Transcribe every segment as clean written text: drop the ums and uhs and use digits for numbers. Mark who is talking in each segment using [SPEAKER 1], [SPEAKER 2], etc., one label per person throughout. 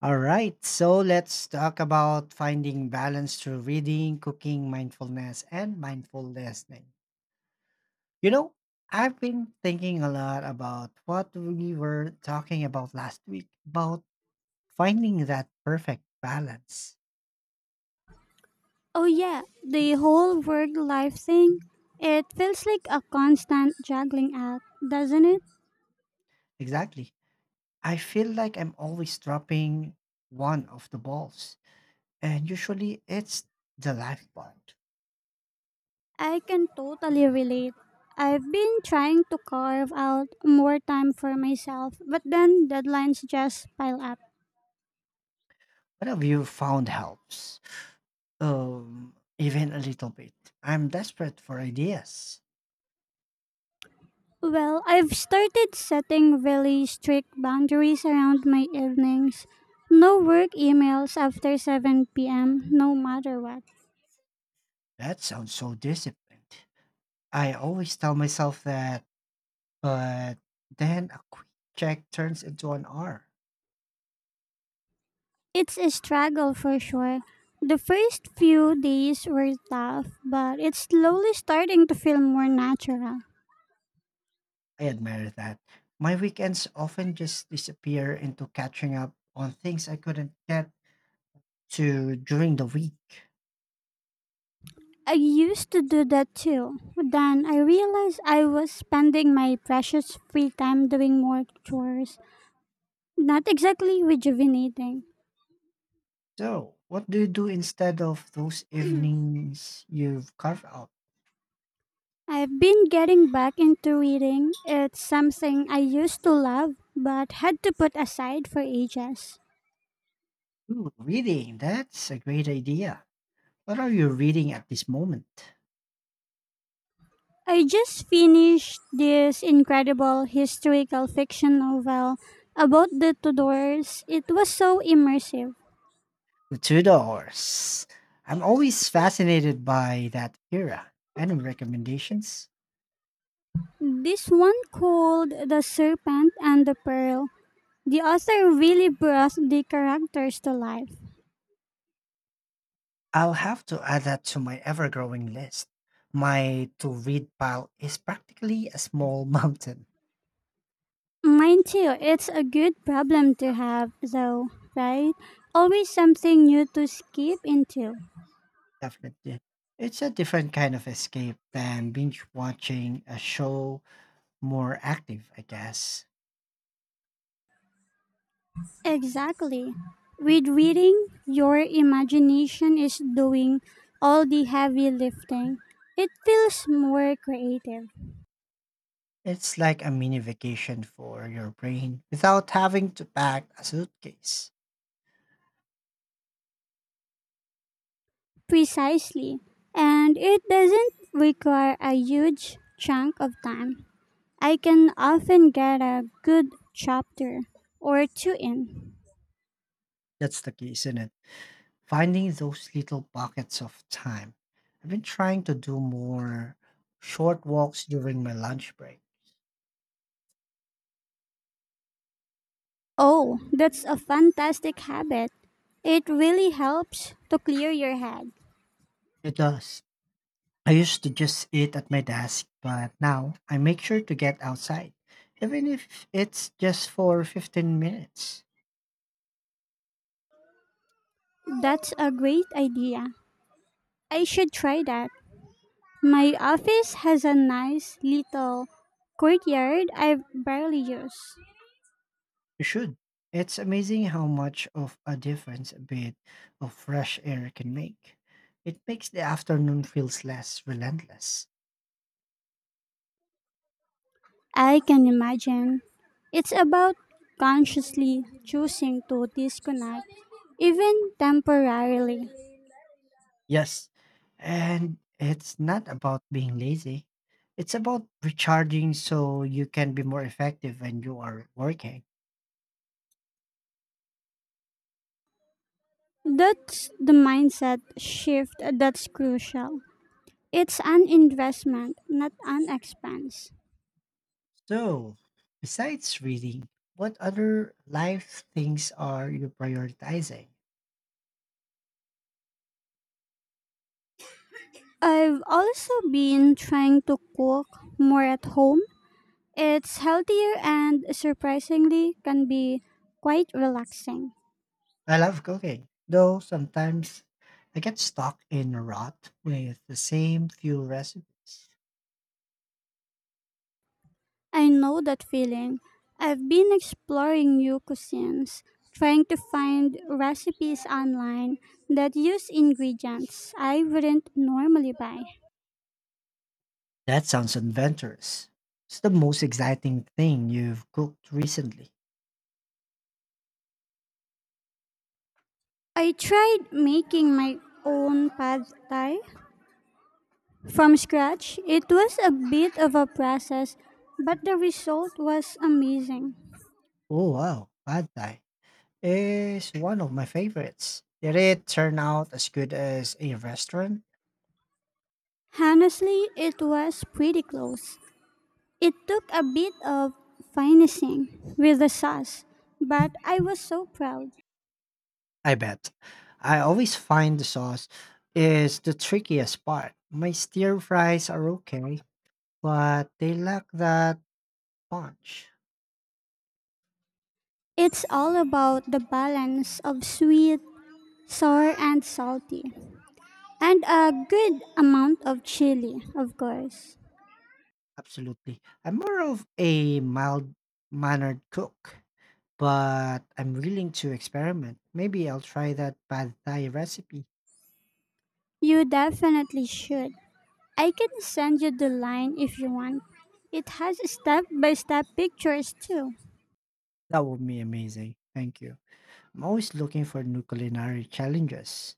[SPEAKER 1] All right, so let's talk about finding balance through reading, cooking, mindfulness, and mindful listening. You know, I've been thinking a lot about what we were talking about last week about finding that perfect balance.
[SPEAKER 2] Oh, yeah, the whole work life thing. It feels like a constant juggling act, doesn't it?
[SPEAKER 1] Exactly. I feel like I'm always dropping one of the balls, and usually it's the life part.
[SPEAKER 2] I can totally relate. I've been trying to carve out more time for myself, but then deadlines just pile up.
[SPEAKER 1] What have you found helps? Even a little bit. I'm desperate for ideas.
[SPEAKER 2] Well, I've started setting really strict boundaries around my evenings. No work emails after 7 p.m., no matter what.
[SPEAKER 1] That sounds so disciplined. I always tell myself that, but then a quick check turns into an hour.
[SPEAKER 2] It's a struggle for sure. The first few days were tough, but it's slowly starting to feel more natural.
[SPEAKER 1] I admire that. My weekends often just disappear into catching up on things I couldn't get to during the week.
[SPEAKER 2] I used to do that too. Then I realized I was spending my precious free time doing more chores, not exactly rejuvenating.
[SPEAKER 1] So, what do you do instead of those evenings you've carved out?
[SPEAKER 2] I've been getting back into reading. It's something I used to love but had to put aside for ages.
[SPEAKER 1] Ooh, reading. That's a great idea. What are you reading at this moment?
[SPEAKER 2] I just finished this incredible historical fiction novel about the Tudors. It was so immersive.
[SPEAKER 1] The Tudors. I'm always fascinated by that era. Any recommendations?
[SPEAKER 2] This one called The Serpent and the Pearl. The author really brought the characters to life.
[SPEAKER 1] I'll have to add that to my ever growing list. My to read pile is practically a small mountain.
[SPEAKER 2] Mine too. It's a good problem to have, though, right? Always something new to skip into.
[SPEAKER 1] Definitely. It's a different kind of escape than binge watching a show, more active, I guess.
[SPEAKER 2] Exactly. With reading, your imagination is doing all the heavy lifting. It feels more creative.
[SPEAKER 1] It's like a mini vacation for your brain without having to pack a suitcase.
[SPEAKER 2] Precisely. And it doesn't require a huge chunk of time. I can often get a good chapter or two in.
[SPEAKER 1] That's the key, isn't it? Finding those little pockets of time. I've been trying to do more short walks during my lunch break.
[SPEAKER 2] Oh, that's a fantastic habit. It really helps to clear your head.
[SPEAKER 1] It does. I used to just eat at my desk, but now I make sure to get outside, even if it's just for 15 minutes.
[SPEAKER 2] That's a great idea. I should try that. My office has a nice little courtyard I barely use.
[SPEAKER 1] You should. It's amazing how much of a difference a bit of fresh air can make. It makes the afternoon feels less relentless.
[SPEAKER 2] I can imagine. It's about consciously choosing to disconnect, even temporarily.
[SPEAKER 1] Yes. And it's not about being lazy. It's about recharging so you can be more effective when you are working.
[SPEAKER 2] That's the mindset shift that's crucial. It's an investment, not an expense.
[SPEAKER 1] So, besides reading, what other life things are you prioritizing?
[SPEAKER 2] I've also been trying to cook more at home. It's healthier and surprisingly can be quite relaxing.
[SPEAKER 1] I love cooking, though sometimes I get stuck in a rut with the same few recipes.
[SPEAKER 2] I know that feeling. I've been exploring new cuisines, trying to find recipes online that use ingredients I wouldn't normally buy.
[SPEAKER 1] That sounds adventurous. What's the most exciting thing you've cooked recently?
[SPEAKER 2] I tried making my own pad thai from scratch. It was a bit of a process, but the result was amazing.
[SPEAKER 1] Oh, wow. Pad Thai is one of my favorites. Did it turn out as good as a restaurant?
[SPEAKER 2] Honestly, it was pretty close. It took a bit of finessing with the sauce, but I was so proud.
[SPEAKER 1] I bet. I always find the sauce is the trickiest part. My stir fries are okay, but they lack that punch.
[SPEAKER 2] It's all about the balance of sweet, sour, and salty. And a good amount of chili, of course.
[SPEAKER 1] Absolutely. I'm more of a mild mannered cook, but I'm willing to experiment. Maybe I'll try that pad thai recipe.
[SPEAKER 2] You definitely should. I can send you the line if you want. It has step by step pictures too.
[SPEAKER 1] That would be amazing. Thank you. I'm always looking for new culinary challenges.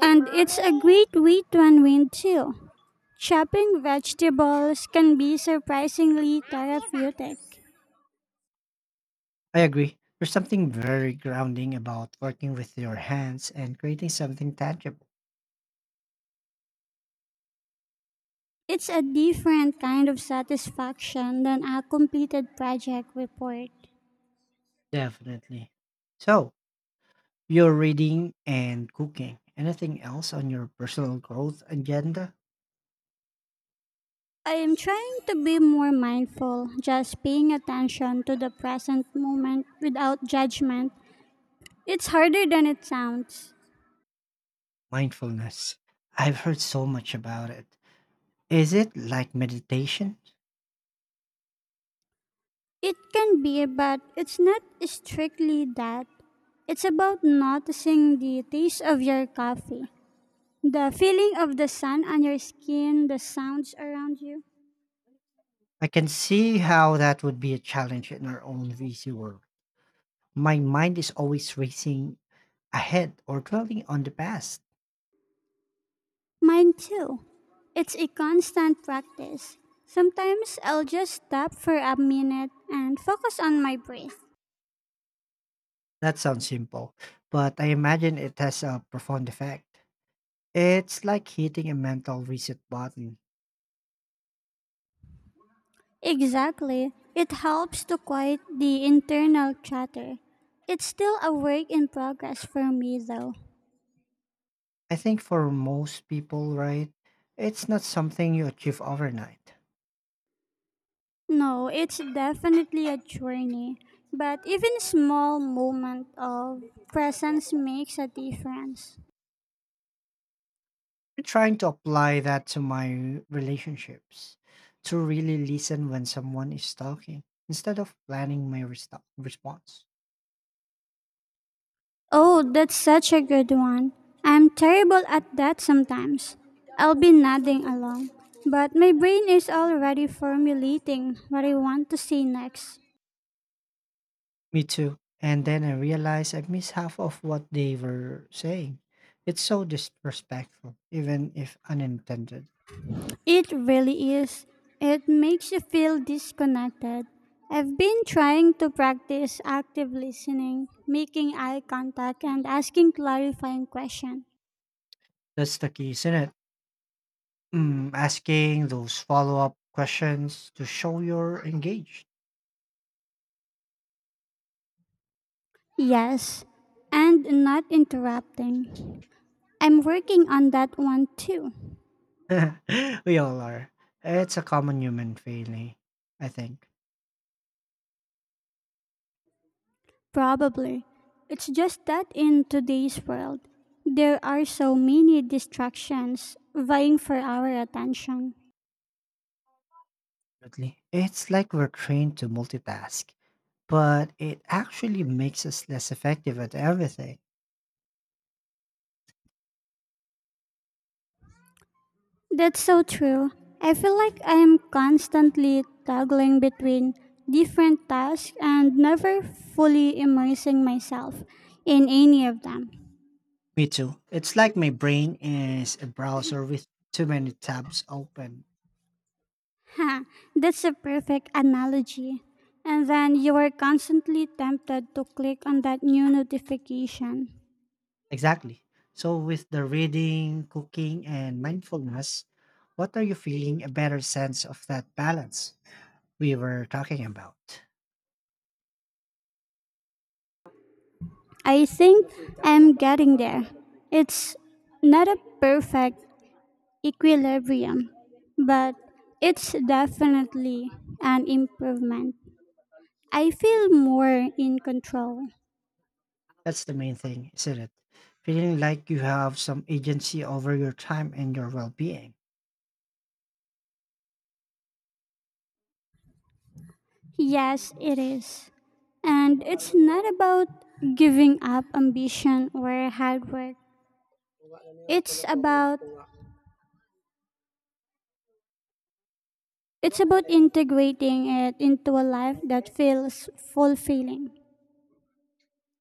[SPEAKER 2] And it's a great way to unwind too. Chopping vegetables can be surprisingly therapeutic.
[SPEAKER 1] I agree. There's something very grounding about working with your hands and creating something tangible.
[SPEAKER 2] It's a different kind of satisfaction than a completed project report.
[SPEAKER 1] Definitely. So, you're reading and cooking. Anything else on your personal growth agenda?
[SPEAKER 2] I am trying to be more mindful, just paying attention to the present moment without judgment. It's harder than it sounds.
[SPEAKER 1] Mindfulness. I've heard so much about it. Is it like meditation?
[SPEAKER 2] It can be, but it's not strictly that. It's about noticing the taste of your coffee, the feeling of the sun on your skin, the sounds around you.
[SPEAKER 1] I can see how that would be a challenge in our own busy world. My mind is always racing ahead or dwelling on the past.
[SPEAKER 2] Mine too. It's a constant practice. Sometimes I'll just stop for a minute and focus on my breath.
[SPEAKER 1] That sounds simple, but I imagine it has a profound effect. It's like hitting a mental reset button.
[SPEAKER 2] Exactly. It helps to quiet the internal chatter. It's still a work in progress for me, though.
[SPEAKER 1] I think for most people, right, it's not something you achieve overnight.
[SPEAKER 2] No, it's definitely a journey, but even small moment of presence makes a difference.
[SPEAKER 1] I'm trying to apply that to my relationships, to really listen when someone is talking instead of planning my response.
[SPEAKER 2] Oh, that's such a good one. I'm terrible at that sometimes. I'll be nodding along, but my brain is already formulating what I want to say next.
[SPEAKER 1] Me too. And then I realized I missed half of what they were saying. It's so disrespectful, even if unintended.
[SPEAKER 2] It really is. It makes you feel disconnected. I've been trying to practice active listening, making eye contact, and asking clarifying questions.
[SPEAKER 1] That's the key, isn't it? Asking those follow up questions to show you're engaged.
[SPEAKER 2] Yes, and not interrupting. I'm working on that one too.
[SPEAKER 1] We all are. It's a common human failing, I think.
[SPEAKER 2] Probably. It's just that in today's world, there are so many distractions vying for our attention.
[SPEAKER 1] Really. It's like we're trained to multitask, but it actually makes us less effective at everything.
[SPEAKER 2] That's so true. I feel like I am constantly toggling between different tasks and never fully immersing myself in any of them.
[SPEAKER 1] Me too. It's like my brain is a browser with too many tabs open.
[SPEAKER 2] Ha, that's a perfect analogy. And then you are constantly tempted to click on that new notification.
[SPEAKER 1] Exactly. So, with the reading, cooking, and mindfulness, what are you feeling a better sense of that balance we were talking about?
[SPEAKER 2] I think I'm getting there. It's not a perfect equilibrium, but it's definitely an improvement. I feel more in control.
[SPEAKER 1] That's the main thing, isn't it? Feeling like you have some agency over your time and your well being.
[SPEAKER 2] Yes, it is. And it's not about giving up ambition or hard work. It's about it's about integrating it into a life that feels fulfilling.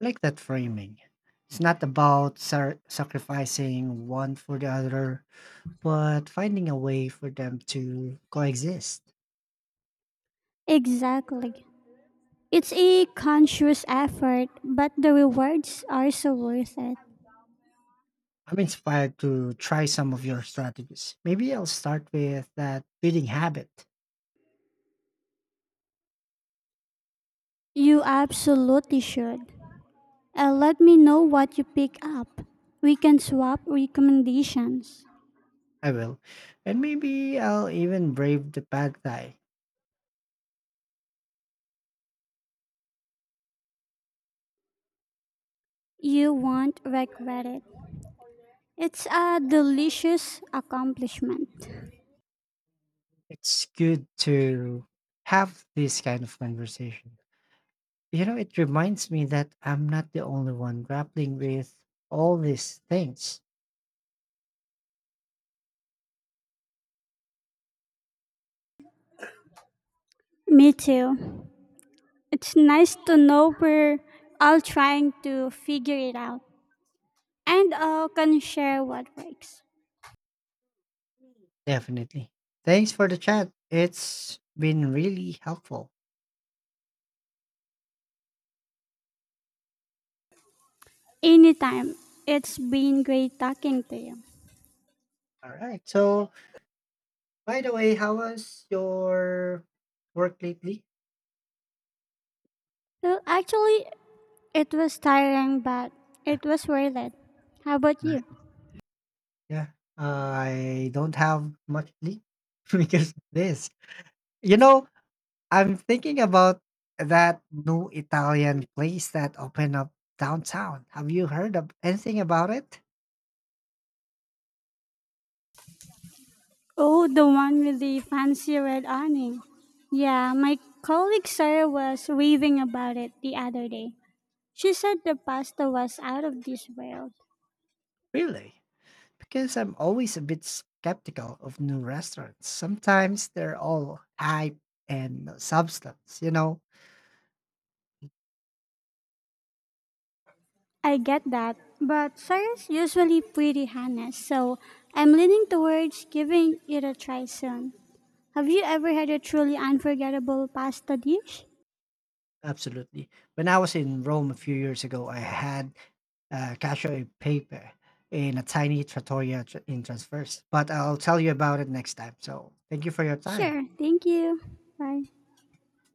[SPEAKER 1] Like that framing. It's not about sacrificing one for the other, but finding a way for them to coexist.
[SPEAKER 2] Exactly. It's a conscious effort, but the rewards are so worth it.
[SPEAKER 1] I'm inspired to try some of your strategies. Maybe I'll start with that reading habit.
[SPEAKER 2] You absolutely should. Let me know what you pick up. We can swap recommendations.
[SPEAKER 1] I will. And maybe I'll even brave the bad guy.
[SPEAKER 2] You won't regret it. It's a delicious accomplishment.
[SPEAKER 1] It's good to have this kind of conversation. It reminds me that I'm not the only one grappling with all these things.
[SPEAKER 2] Me too. It's nice to know we're all trying to figure it out and all can share what works.
[SPEAKER 1] Definitely. Thanks for the chat. It's been really helpful.
[SPEAKER 2] Anytime. It's been great talking to you.
[SPEAKER 1] All right. So, by the way, how was your work lately?
[SPEAKER 2] Well, actually, it was tiring, but it was worth it. How about you?
[SPEAKER 1] Right. Yeah. I don't have much sleep because of this. You know, I'm thinking about that new Italian place that opened up downtown. Have you heard of anything about it?
[SPEAKER 2] Oh, the one with the fancy red awning. Yeah, my colleague Sarah was raving about it the other day. She said the pasta was out of this world.
[SPEAKER 1] Really? Because I'm always a bit skeptical of new restaurants. Sometimes they're all hype and no substance, you know?
[SPEAKER 2] I get that, but Sarah's usually pretty honest, so I'm leaning towards giving it a try soon. Have you ever had a truly unforgettable pasta dish?
[SPEAKER 1] Absolutely. When I was in Rome a few years ago, I had cacio e pepe in a tiny trattoria in Transverse. But I'll tell you about it next time. So thank you for your time.
[SPEAKER 2] Sure, thank you. Bye.